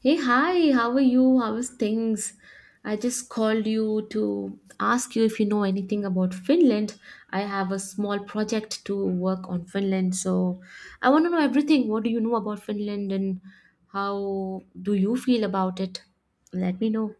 Hey, hi, how are you? How is things? I just called you to ask you if you know anything about Finland. I have a small project to work on Finland, so I want to know everything. What do you know about Finland and how do you feel about it? Let me know.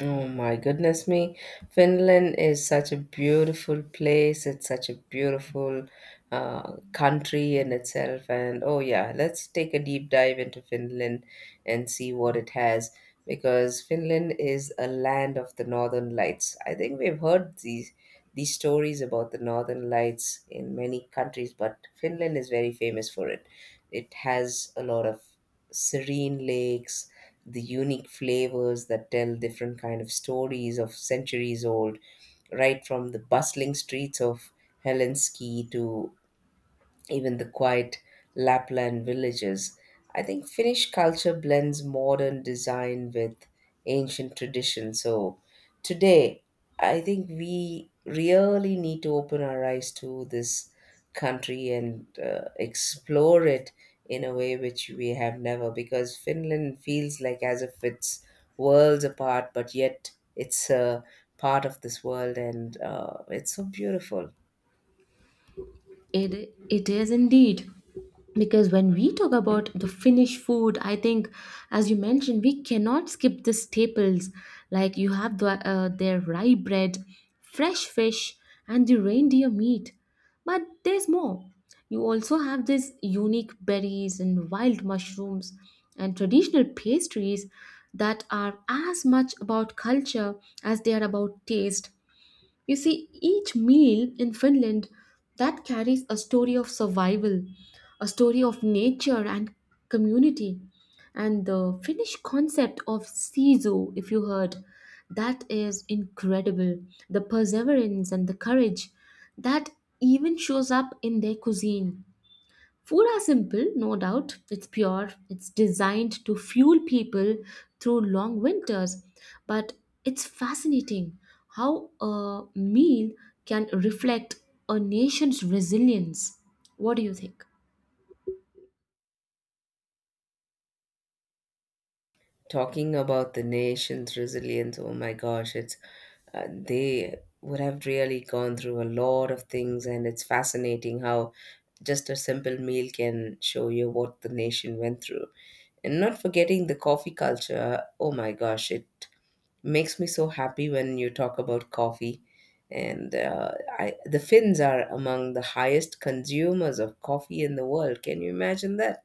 Oh my goodness me. Finland is such a beautiful place. It's such a beautiful country in itself. And oh, yeah, let's take a deep dive into Finland and see what it has because Finland is a land of the northern lights. I think we've heard these stories about the northern lights in many countries, but Finland is very famous for it. It has a lot of serene lakes, the unique flavors that tell different kind of stories of centuries old, right from the bustling streets of Helsinki to even the quiet Lapland villages. I think Finnish culture blends modern design with ancient tradition. So today, I think we really need to open our eyes to this country and explore it in a way which we have never because Finland feels like as if it's worlds apart, but yet it's a part of this world and it's so beautiful. It is indeed. Because when we talk about the Finnish food, I think, as you mentioned, we cannot skip the staples. Like you have their rye bread, fresh fish, and the reindeer meat. But there's more. You also have these unique berries and wild mushrooms and traditional pastries that are as much about culture as they are about taste. You see, each meal in Finland that carries a story of survival, a story of nature and community. And the Finnish concept of siso, if you heard, that is incredible. The perseverance and the courage that even shows up in their cuisine. Food are simple, no doubt. It's pure, it's designed to fuel people through long winters. But it's fascinating how a meal can reflect a nation's resilience. What do you think? Talking about the nation's resilience, oh my gosh, it's they would have really gone through a lot of things, and it's fascinating how just a simple meal can show you what the nation went through. And not forgetting the coffee culture, oh my gosh, it makes me so happy when you talk about coffee. And the Finns are among the highest consumers of coffee in the world. Can you imagine that?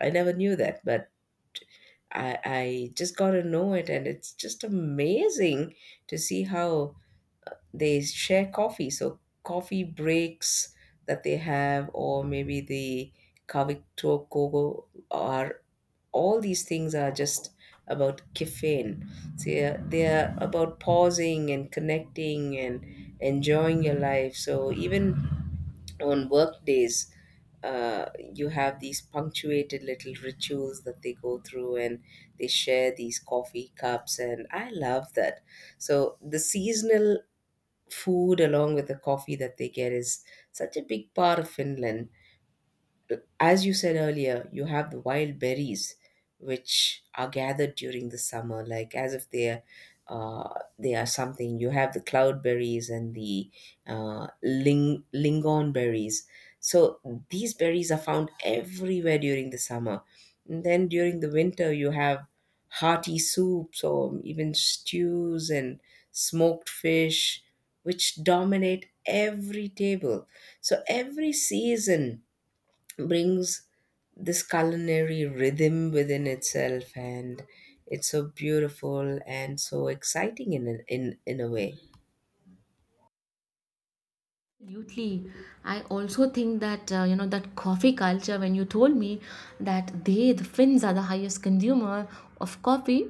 I never knew that, but I just got to know it, and it's just amazing to see how they share coffee. So, coffee breaks that they have, or maybe the Kavito Kogo, are all these things are just about caffeine. So, they are about pausing and connecting and enjoying your life. So, even on work days uh, you have these punctuated little rituals that they go through, and they share these coffee cups, and I love that. So the seasonal food along with the coffee that they get is such a big part of Finland. As you said earlier, you have the wild berries, which are gathered during the summer, like as if they're they are something. You have the cloudberries and the lingon berries. So these berries are found everywhere during the summer. And then during the winter, you have hearty soups or even stews and smoked fish, which dominate every table. So every season brings this culinary rhythm within itself, and it's so beautiful and so exciting in in a way. Absolutely. I also think that, that coffee culture, when you told me that they, the Finns, are the highest consumer of coffee,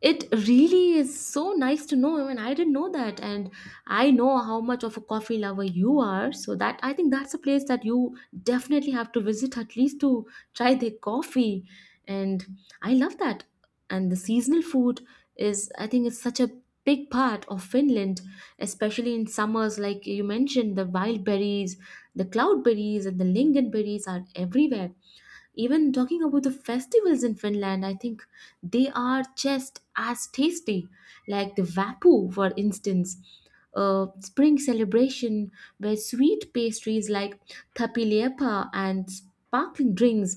it really is so nice to know. I mean, I didn't know that, and I know how much of a coffee lover you are. So that I think that's a place that you definitely have to visit at least to try their coffee, and I love that. And the seasonal food is, I think, it's such a big part of Finland, especially in summers. Like you mentioned, the wild berries, the cloud berries, and the lingonberries are everywhere. Even talking about the festivals in Finland, I think they are just as tasty, like the Vapu, for instance, a spring celebration where sweet pastries like tapiliepa and sparkling drinks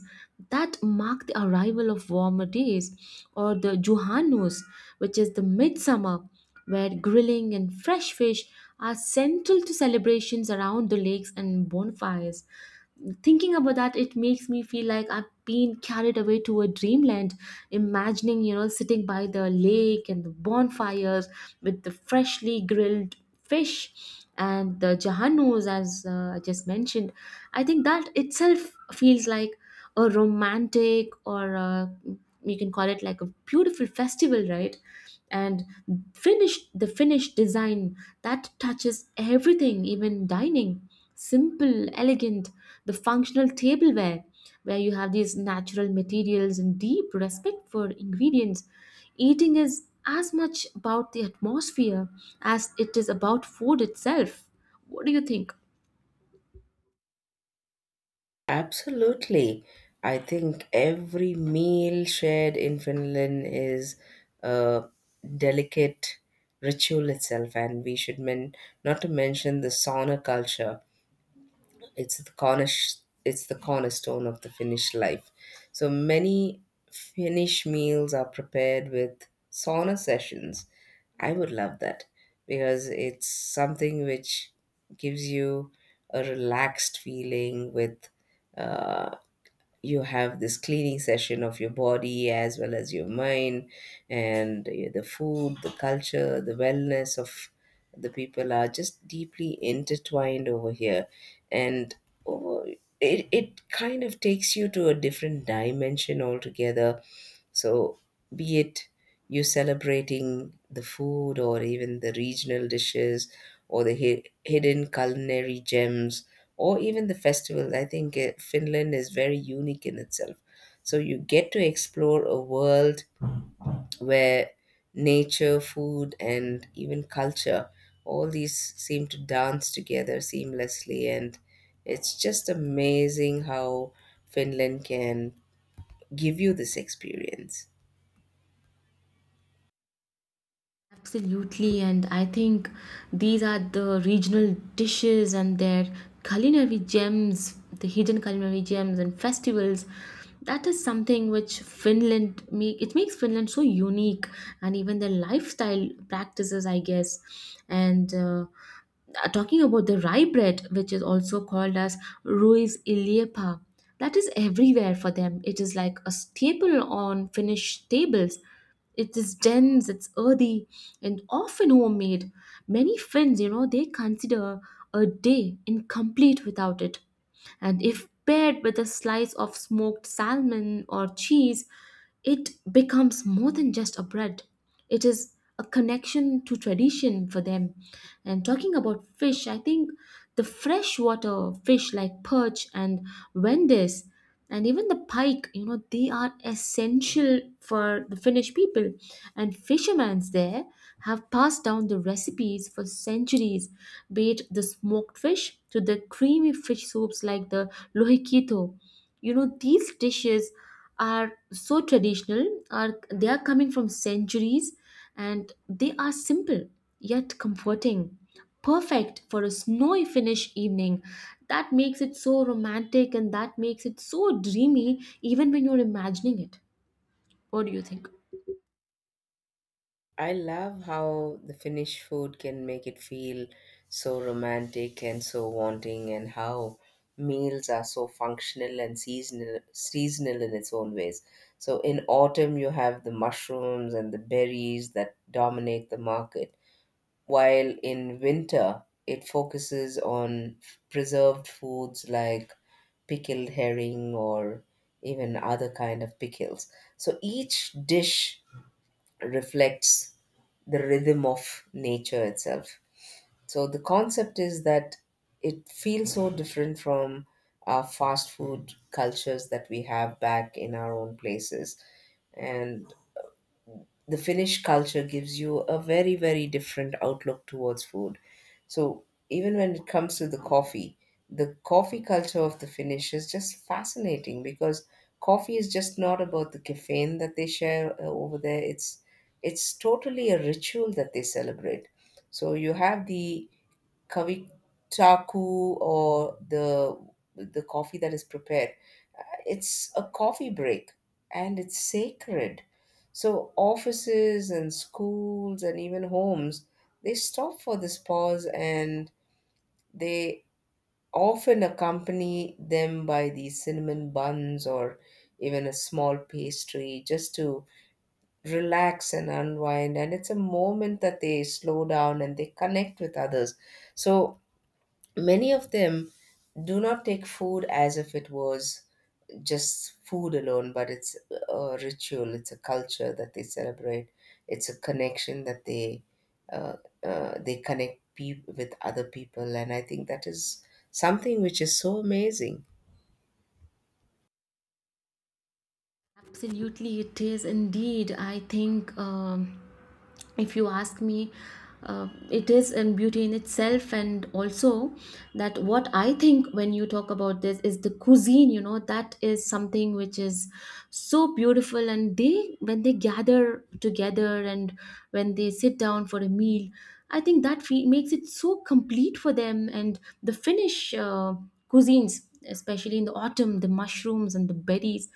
that mark the arrival of warmer days, or the Juhanus, which is the midsummer, where grilling and fresh fish are central to celebrations around the lakes and bonfires. Thinking about that, it makes me feel like I've been carried away to a dreamland, imagining, you know, sitting by the lake and the bonfires with the freshly grilled fish and the jahanus as I just mentioned. I think that itself feels like a romantic you can call it like a beautiful festival, right? And finished the finished design that touches everything, even dining, simple, elegant, the functional tableware, where you have these natural materials and deep respect for ingredients. Eating is as much about the atmosphere as it is about food itself. What do you think? Absolutely. I think every meal shared in Finland is a delicate ritual itself, and we should men not to mention the sauna culture. It's the cornish it's the cornerstone of the Finnish life. So many Finnish meals are prepared with sauna sessions. I would love that because it's something which gives you a relaxed feeling with uh, you have this cleaning session of your body as well as your mind. And the food, the culture, the wellness of the people are just deeply intertwined over here. And over, it kind of takes you to a different dimension altogether. So, be it you celebrating the food or even the regional dishes or the hidden culinary gems or even the festivals, I think Finland is very unique in itself. So, you get to explore a world where nature, food, and even culture, all these seem to dance together seamlessly. And it's just amazing how Finland can give you this experience. Absolutely, and I think these are the regional dishes and their culinary gems, the hidden culinary gems and festivals. That is something which Finland make it makes Finland so unique, and even their lifestyle practices, I guess. And Talking about the rye bread, which is also called as ruis iliepa, that is everywhere for them. It is like a staple on Finnish tables. It is dense, it's earthy, and often homemade. Many Finns, you know, they consider a day incomplete without it. And if paired with a slice of smoked salmon or cheese, it becomes more than just a bread. It is a connection to tradition for them. And talking about fish, I think the freshwater fish like perch and wendice and even the pike, you know, they are essential for the Finnish people, and fishermen there have passed down the recipes for centuries, be it the smoked fish to the creamy fish soups like the lohikito. You know, these dishes are so traditional, are they are coming from centuries, and they are simple yet comforting, perfect for a snowy Finnish evening. That makes it so romantic and that makes it so dreamy even when you're imagining it. What do you think? I love how the Finnish food can make it feel so romantic and so wanting, and how meals are so functional and seasonal in its own ways. So in autumn, you have the mushrooms and the berries that dominate the market, while in winter, it focuses on preserved foods like pickled herring or even other kind of pickles. So each dish reflects the rhythm of nature itself. So the concept is that it feels so different from our fast food cultures that we have back in our own places. And the Finnish culture gives you a very, very different outlook towards food. So even when it comes to the coffee culture of the Finnish is just fascinating because coffee is just not about the caffeine that they share over there. It's totally a ritual that they celebrate. So you have the kavitaku or the coffee that is prepared. It's a coffee break, and it's sacred. So offices and schools and even homes, they stop for this pause, and they often accompany them by these cinnamon buns or even a small pastry just to relax and unwind. And it's a moment that they slow down and they connect with others. So many of them do not take food as if it was just food alone, but it's a ritual, it's a culture that they celebrate, it's a connection that they uh, connect with other people, and I think that is something which is so amazing. Absolutely, it is indeed. I think if you ask me, it is in beauty in itself, and also that what I think when you talk about this is the cuisine. You know, that is something which is so beautiful, and they when they gather together and when they sit down for a meal, I think that makes it so complete for them. And the Finnish cuisines, especially in the autumn, the mushrooms and the berries.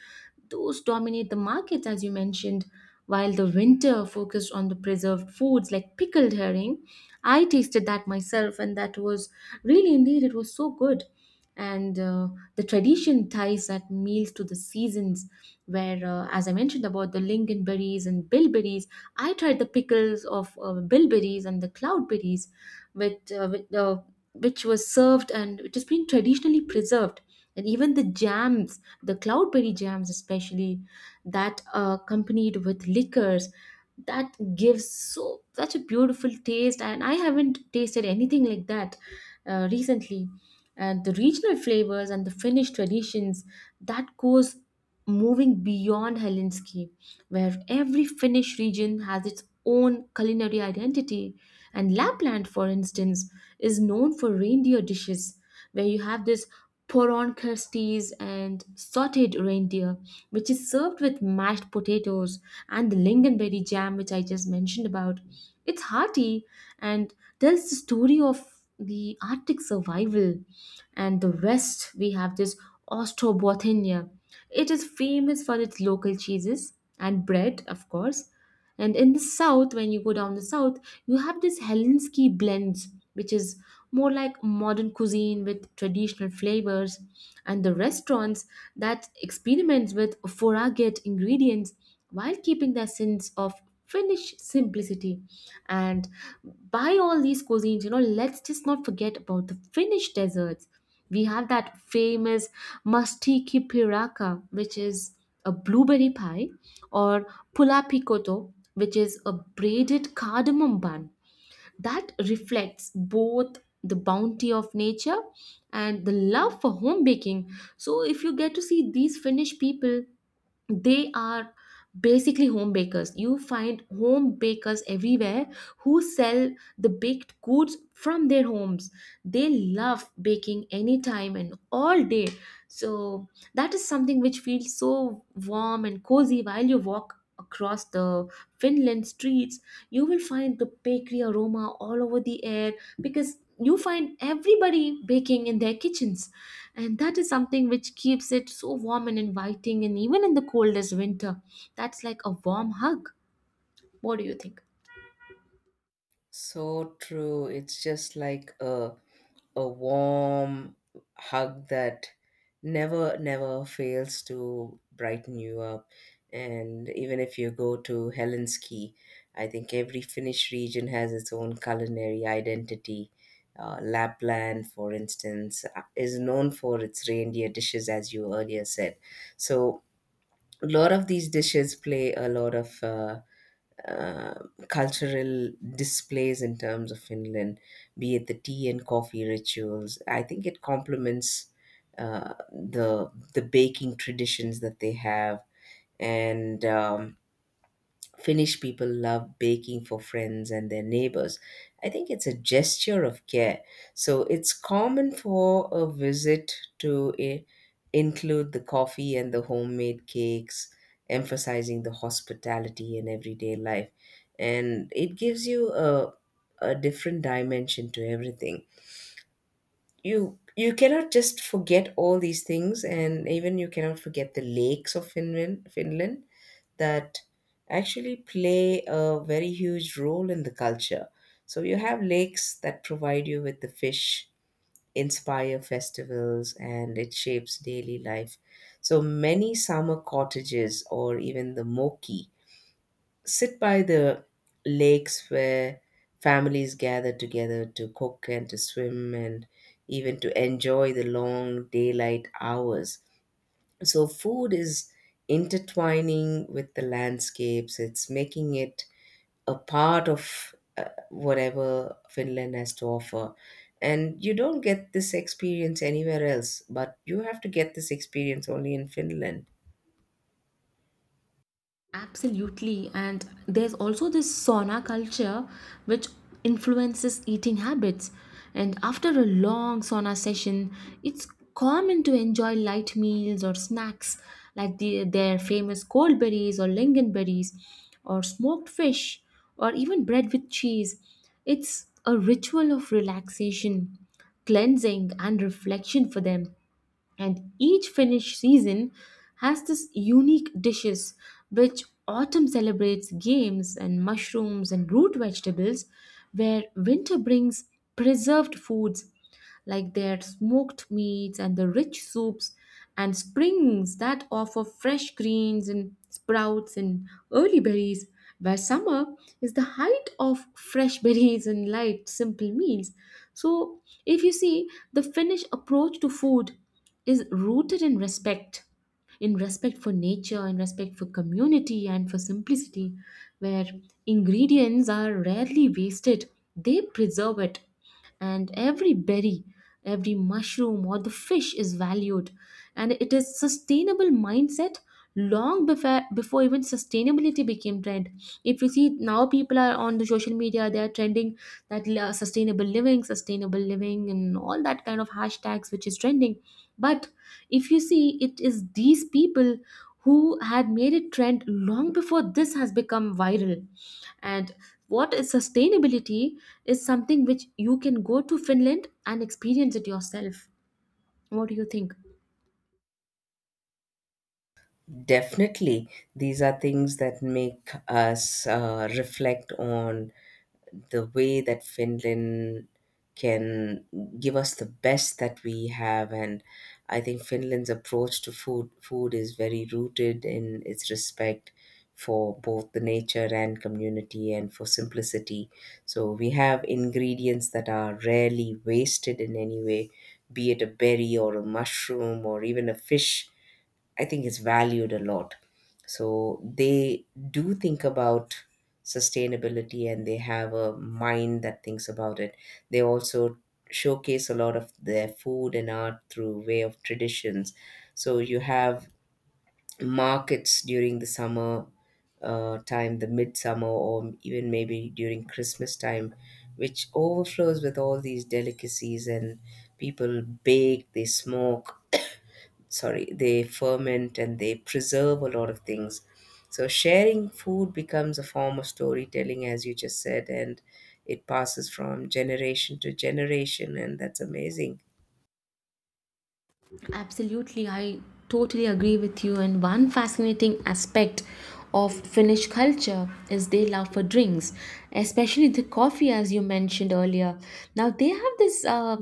Those dominate the markets, as you mentioned. While the winter focused on the preserved foods like pickled herring, I tasted that myself, and that was really indeed, it was so good. And The tradition ties that meals to the seasons, where, as I mentioned about the lingonberries and bilberries, I tried the pickles of bilberries and the cloudberries, with which was served and which has been traditionally preserved. And even the jams, the cloudberry jams especially, that are accompanied with liquors, that gives so such a beautiful taste, and I haven't tasted anything like that recently. And the regional flavors and the Finnish traditions that goes moving beyond Helsinki, where every Finnish region has its own culinary identity. And Lapland, for instance, is known for reindeer dishes, where you have this poron crusties and sautéed reindeer, which is served with mashed potatoes and the lingonberry jam, which I just mentioned about. It's hearty and tells the story of the Arctic survival. And the West, we have this Ostrobothnia. It is famous for its local cheeses and bread, of course. And in the south, when you go down the south, you have this Helsinki blends, which is more like modern cuisine with traditional flavors. And the restaurants that experiment with foraged ingredients while keeping their sense of Finnish simplicity. And by all these cuisines, you know, let's just not forget about the Finnish desserts. We have that famous masti piraka, which is a blueberry pie, or pula picoto, which is a braided cardamom bun. That reflects both the bounty of nature and the love for home baking. So, if you get to see these Finnish people, they are basically home bakers. You find home bakers everywhere, who sell the baked goods from their homes. They love baking anytime and all day. So that is something which feels so warm and cozy while you walk across the Finland streets. You will find the bakery aroma all over the air, because you find everybody baking in their kitchens. And that is something which keeps it so warm and inviting, and even in the coldest winter, that's like a warm hug. What do you think? So true. It's just like a warm hug that never fails to brighten you up. And even if you go to Helsinki, I think every Finnish region has its own culinary identity. Lapland, for instance, is known for its reindeer dishes, as you earlier said. So a lot of these dishes play a lot of uh, cultural displays in terms of Finland, be it the tea and coffee rituals. I think it complements the baking traditions that they have, and Finnish people love baking for friends and their neighbors. I think it's a gesture of care. So it's common for a visit to include the coffee and the homemade cakes, emphasizing the hospitality in everyday life. And it gives you a different dimension to everything. You cannot just forget all these things, and even you cannot forget the lakes of Finland that actually play a very huge role in the culture. So you have lakes that provide you with the fish, inspire festivals, and it shapes daily life. So many summer cottages or even the moki sit by the lakes where families gather together to cook and to swim and even to enjoy the long daylight hours. So, food is intertwining with the landscapes, it's making it a part of whatever Finland has to offer. And you don't get this experience anywhere else, but you have to get this experience only in Finland. Absolutely. And there's also this sauna culture which influences eating habits. And after a long sauna session, it's common to enjoy light meals or snacks like their famous cold berries or lingonberries or smoked fish or even bread with cheese. It's a ritual of relaxation, cleansing, and reflection for them. And each Finnish season has this unique dishes, which autumn celebrates games and mushrooms and root vegetables, where winter brings preserved foods like their smoked meats and the rich soups, and springs that offer fresh greens and sprouts and early berries, where summer is the height of fresh berries and light, simple meals. So, if you see, the Finnish approach to food is rooted in respect. In respect for nature, in respect for community, and for simplicity, where ingredients are rarely wasted, they preserve it, and every berry, every mushroom or the fish is valued. And it is sustainable mindset long before even sustainability became trend. If you see now people are on the social media, they are trending that sustainable living, sustainable living, and all that kind of hashtags which is trending. But if you see, it is these people who had made it trend long before this has become viral. And what is sustainability is something which you can go to Finland and experience it yourself. What do you think? Definitely, these are things that make us reflect on the way that Finland can give us the best that we have, and I think Finland's approach to food is very rooted in its respect for both the nature and community and for simplicity. So we have ingredients that are rarely wasted in any way, be it a berry or a mushroom or even a fish. I think it's valued a lot. So they do think about sustainability, and they have a mind that thinks about it. They also showcase a lot of their food and art through way of traditions. So you have markets during the summer time, the midsummer, or even maybe during Christmas time, which overflows with all these delicacies. And people bake, they smoke, sorry, they ferment and they preserve a lot of things. So sharing food becomes a form of storytelling, as you just said, and it passes from generation to generation, and that's amazing. Absolutely, I totally agree with you. And one fascinating aspect of Finnish culture is they love for drinks, especially the coffee, as you mentioned earlier. Now they have this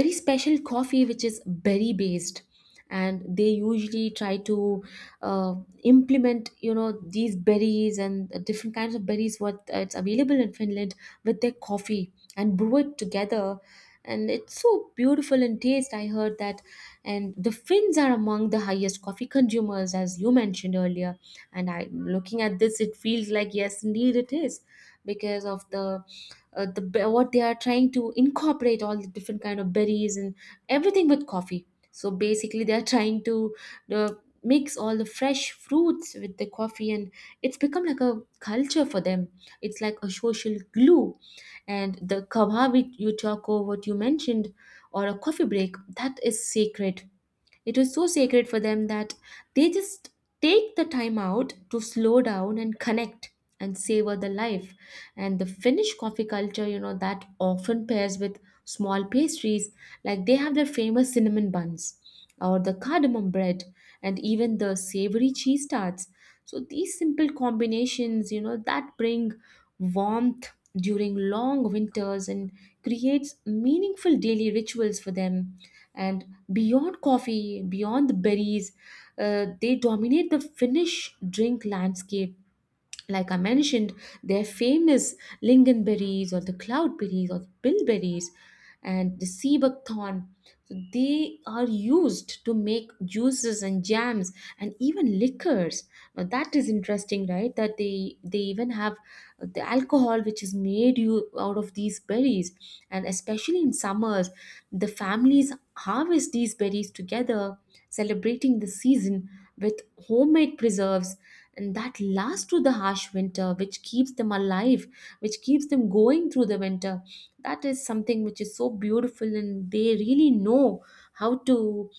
very special coffee which is berry based, and they usually try to uh, implement, you know, these berries and different kinds of berries what it's available in Finland with their coffee and brew it together. And it's so beautiful in taste, I heard that. And the Finns are among the highest coffee consumers, as you mentioned earlier. And I looking at this, it feels like yes indeed it is, because of the what they are trying to incorporate, all the different kind of berries and everything with coffee. So basically, they're trying to uh, mix all the fresh fruits with the coffee, and it's become like a culture for them. It's like a social glue. And the kawabi you talk over what you mentioned, or a coffee break, that is sacred. It was so sacred for them that they just take the time out to slow down and connect and savor the life. And the Finnish coffee culture, you know, that often pairs with small pastries, like they have their famous cinnamon buns or the cardamom bread and even the savory cheese tarts. So these simple combinations, you know, that bring warmth during long winters and creates meaningful daily rituals for them. And beyond coffee, beyond the berries, they dominate the Finnish drink landscape. Like I mentioned, they're famous lingonberries or the cloudberries or the bilberries and the sea buckthorn. So they are used to make juices and jams and even liquors. Now that is interesting, right? That they even have the alcohol which is made you out of these berries, and especially in summers, the families harvest these berries together, celebrating the season with homemade preserves, and that last through the harsh winter, which keeps them alive, which keeps them going through the winter. That is something which is so beautiful, and they really know how to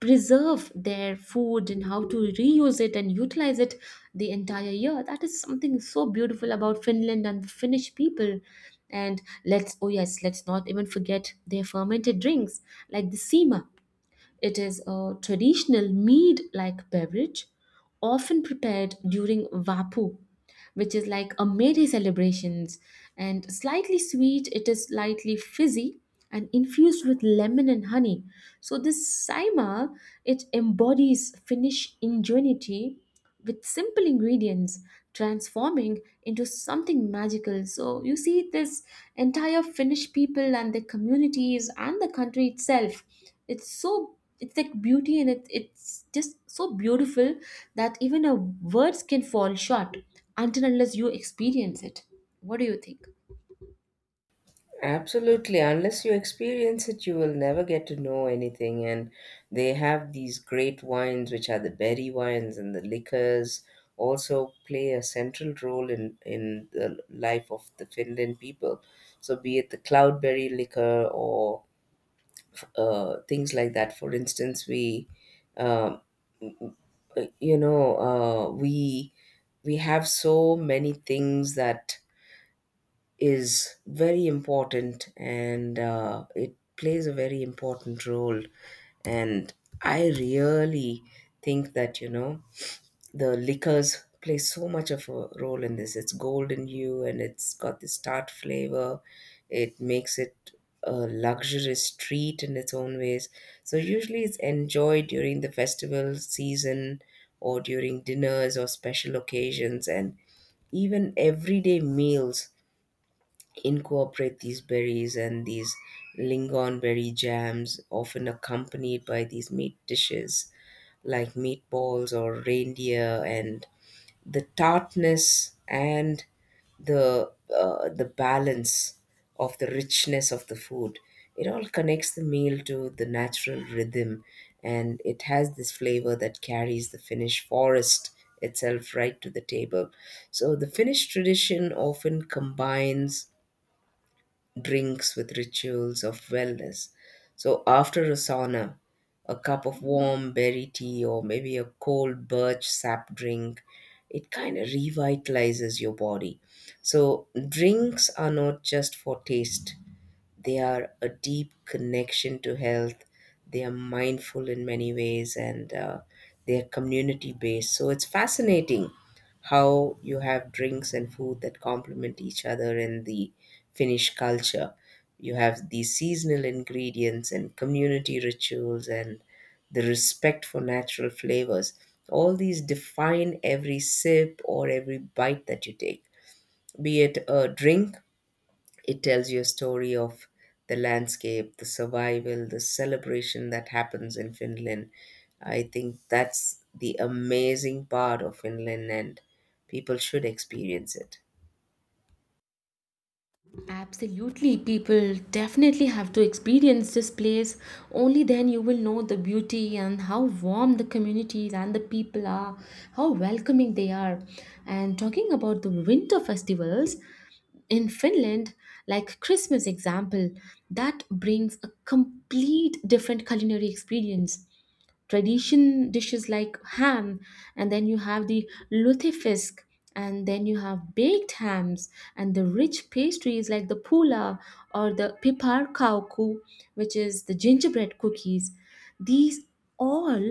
preserve their food and how to reuse it and utilize it the entire year. That is something so beautiful about Finland and the Finnish people. And let's, oh yes, let's not even forget their fermented drinks, like the sima. It is a traditional mead like beverage, often prepared during Vapu, which is like a May Day celebrations. And slightly sweet, it is slightly fizzy and infused with lemon and honey. So this Saima, it embodies Finnish ingenuity with simple ingredients transforming into something magical. So you see this entire Finnish people and their communities and the country itself. It's so, it's like beauty, and it's just so beautiful that even a words can fall short until unless you experience it. What do you think? Absolutely. Unless you experience it, you will never get to know anything. And they have these great wines, which are the berry wines and the liquors, also play a central role in the life of the Finland people. So, be it the cloudberry liquor or things like that. For instance, we, uh, you know, we have so many things that is very important, and it plays a very important role. And I really think that you know the liquors play so much of a role in this. It's golden hue and it's got this tart flavor. It makes it a luxurious treat in its own ways. So usually it's enjoyed during the festival season or during dinners or special occasions, and even everyday meals incorporate these berries, and these lingonberry jams often accompanied by these meat dishes like meatballs or reindeer. And the tartness and the balance of the richness of the food, it all connects the meal to the natural rhythm, and it has this flavor that carries the Finnish forest itself right to the table. So the Finnish tradition often combines drinks with rituals of wellness. So after a sauna, a cup of warm berry tea or maybe a cold birch sap drink, it kind of revitalizes your body. So drinks are not just for taste, they are a deep connection to health, they are mindful in many ways, and they are community based. So it's fascinating how you have drinks and food that complement each other in the Finnish culture. You have these seasonal ingredients and community rituals and the respect for natural flavors, all these define every sip or every bite that you take. Be it a drink, it tells you a story of the landscape, the survival, the celebration that happens in Finland. I think that's the amazing part of Finland, and people should experience it. Absolutely, people definitely have to experience this place. Only then you will know the beauty and how warm the communities and the people are, how welcoming they are. And talking about the winter festivals in Finland, like Christmas example, that brings a complete different culinary experience. Tradition dishes like ham, and then you have the lutefisk, and then you have baked hams and the rich pastries like the pula or the pipar kauku, which is the gingerbread cookies. These all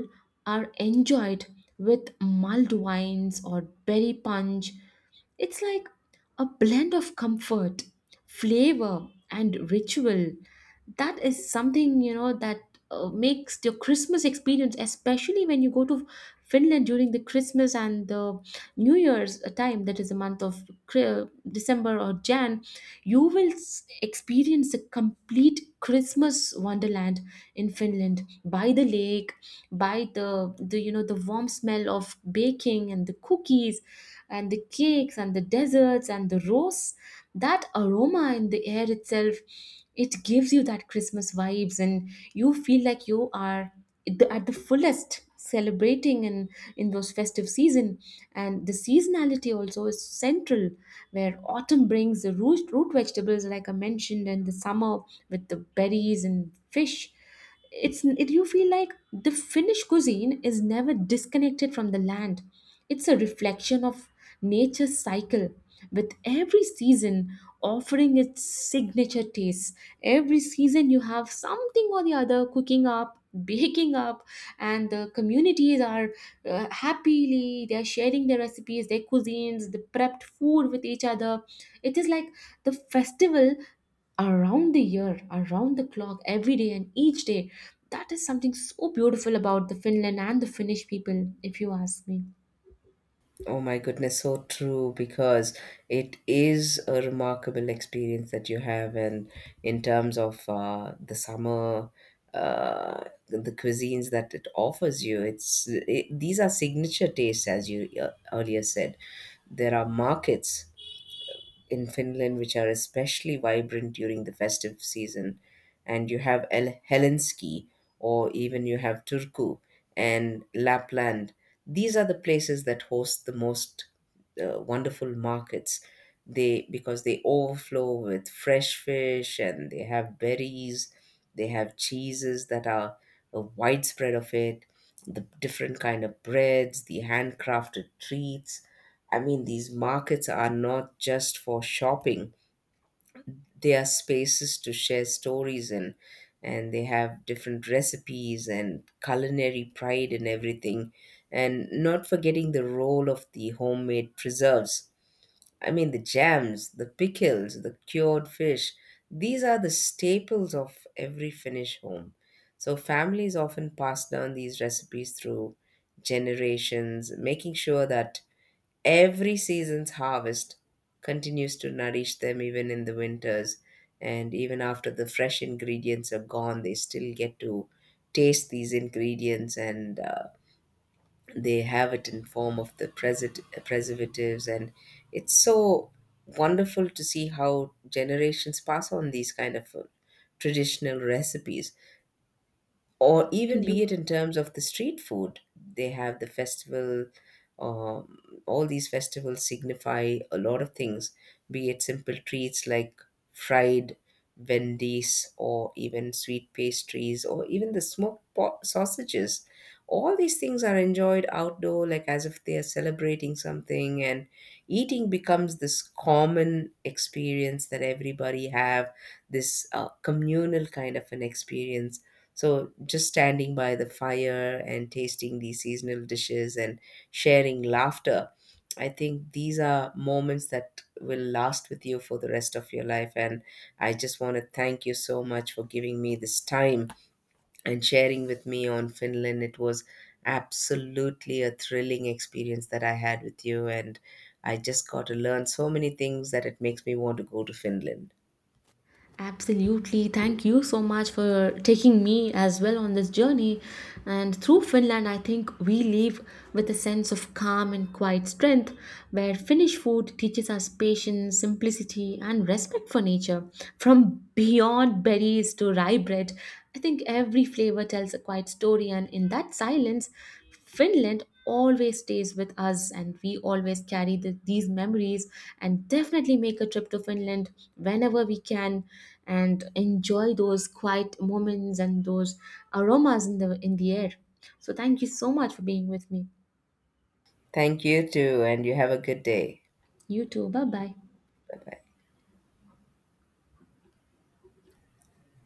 are enjoyed with mulled wines or berry punch. It's like a blend of comfort, flavor, and ritual. That is something, you know, that makes your Christmas experience, especially when you go to Finland during the Christmas and the New Year's time, that is the month of December or Jan, you will experience a complete Christmas wonderland in Finland by the lake, by the you know, the warm smell of baking and the cookies and the cakes and the desserts and the roasts, that aroma in the air itself, it gives you that Christmas vibes and you feel like you are at at the fullest celebrating in those festive season. And the seasonality also is central, where autumn brings the root vegetables like I mentioned, and the summer with the berries and fish. It's it, you feel like the Finnish cuisine is never disconnected from the land. It's a reflection of nature's cycle, with every season offering its signature tastes. Every season you have something or the other cooking up baking up, and the communities are, happily they are sharing their recipes, their cuisines, the prepped food with each other. It is like the festival around the year, around the clock, every day and each day. That is something so beautiful about the Finland and the Finnish people, if you ask me. Oh my goodness, so true, because it is a remarkable experience that you have, and in terms of the summer, uh, the cuisines that it offers you, these are signature tastes, as you earlier said. There are markets in Finland, which are especially vibrant during the festive season. And you have Helsinki, or even you have Turku and Lapland. These are the places that host the most wonderful markets, They because they overflow with fresh fish, and they have berries, they have cheeses that are a widespread of it, the different kind of breads, the handcrafted treats. I mean, these markets are not just for shopping. They are spaces to share stories, and they have different recipes and culinary pride and everything. And not forgetting the role of the homemade preserves. I mean, the jams, the pickles, the cured fish. These are the staples of every Finnish home. So families often pass down these recipes through generations, making sure that every season's harvest continues to nourish them even in the winters. And even after the fresh ingredients are gone, they still get to taste these ingredients, and they have it in form of the preservatives. And it's so wonderful to see how generations pass on these kind of traditional recipes, or even Absolutely. be it in terms of the street food, they have the festival. um, all these festivals signify a lot of things, be it simple treats like fried vendies or even sweet pastries or even the smoked sausages. All these things are enjoyed outdoor like as if they are celebrating something, and eating becomes this common experience that everybody have, this communal kind of an experience. So just standing by the fire and tasting these seasonal dishes and sharing laughter, I think these are moments that will last with you for the rest of your life. And I just want to thank you so much for giving me this time and sharing with me on Finland. It was absolutely a thrilling experience that I had with you. And I just got to learn so many things that it makes me want to go to Finland. Absolutely. Thank you so much for taking me as well on this journey. And through Finland, I think we leave with a sense of calm and quiet strength, where Finnish food teaches us patience, simplicity, and respect for nature. From beyond berries to rye bread, I think every flavor tells a quiet story, and in that silence, Finland always stays with us, and we always carry these memories and definitely make a trip to Finland whenever we can and enjoy those quiet moments and those aromas in the air. So thank you so much for being with me. Thank you too, and you have a good day. You too. Bye bye. Bye bye.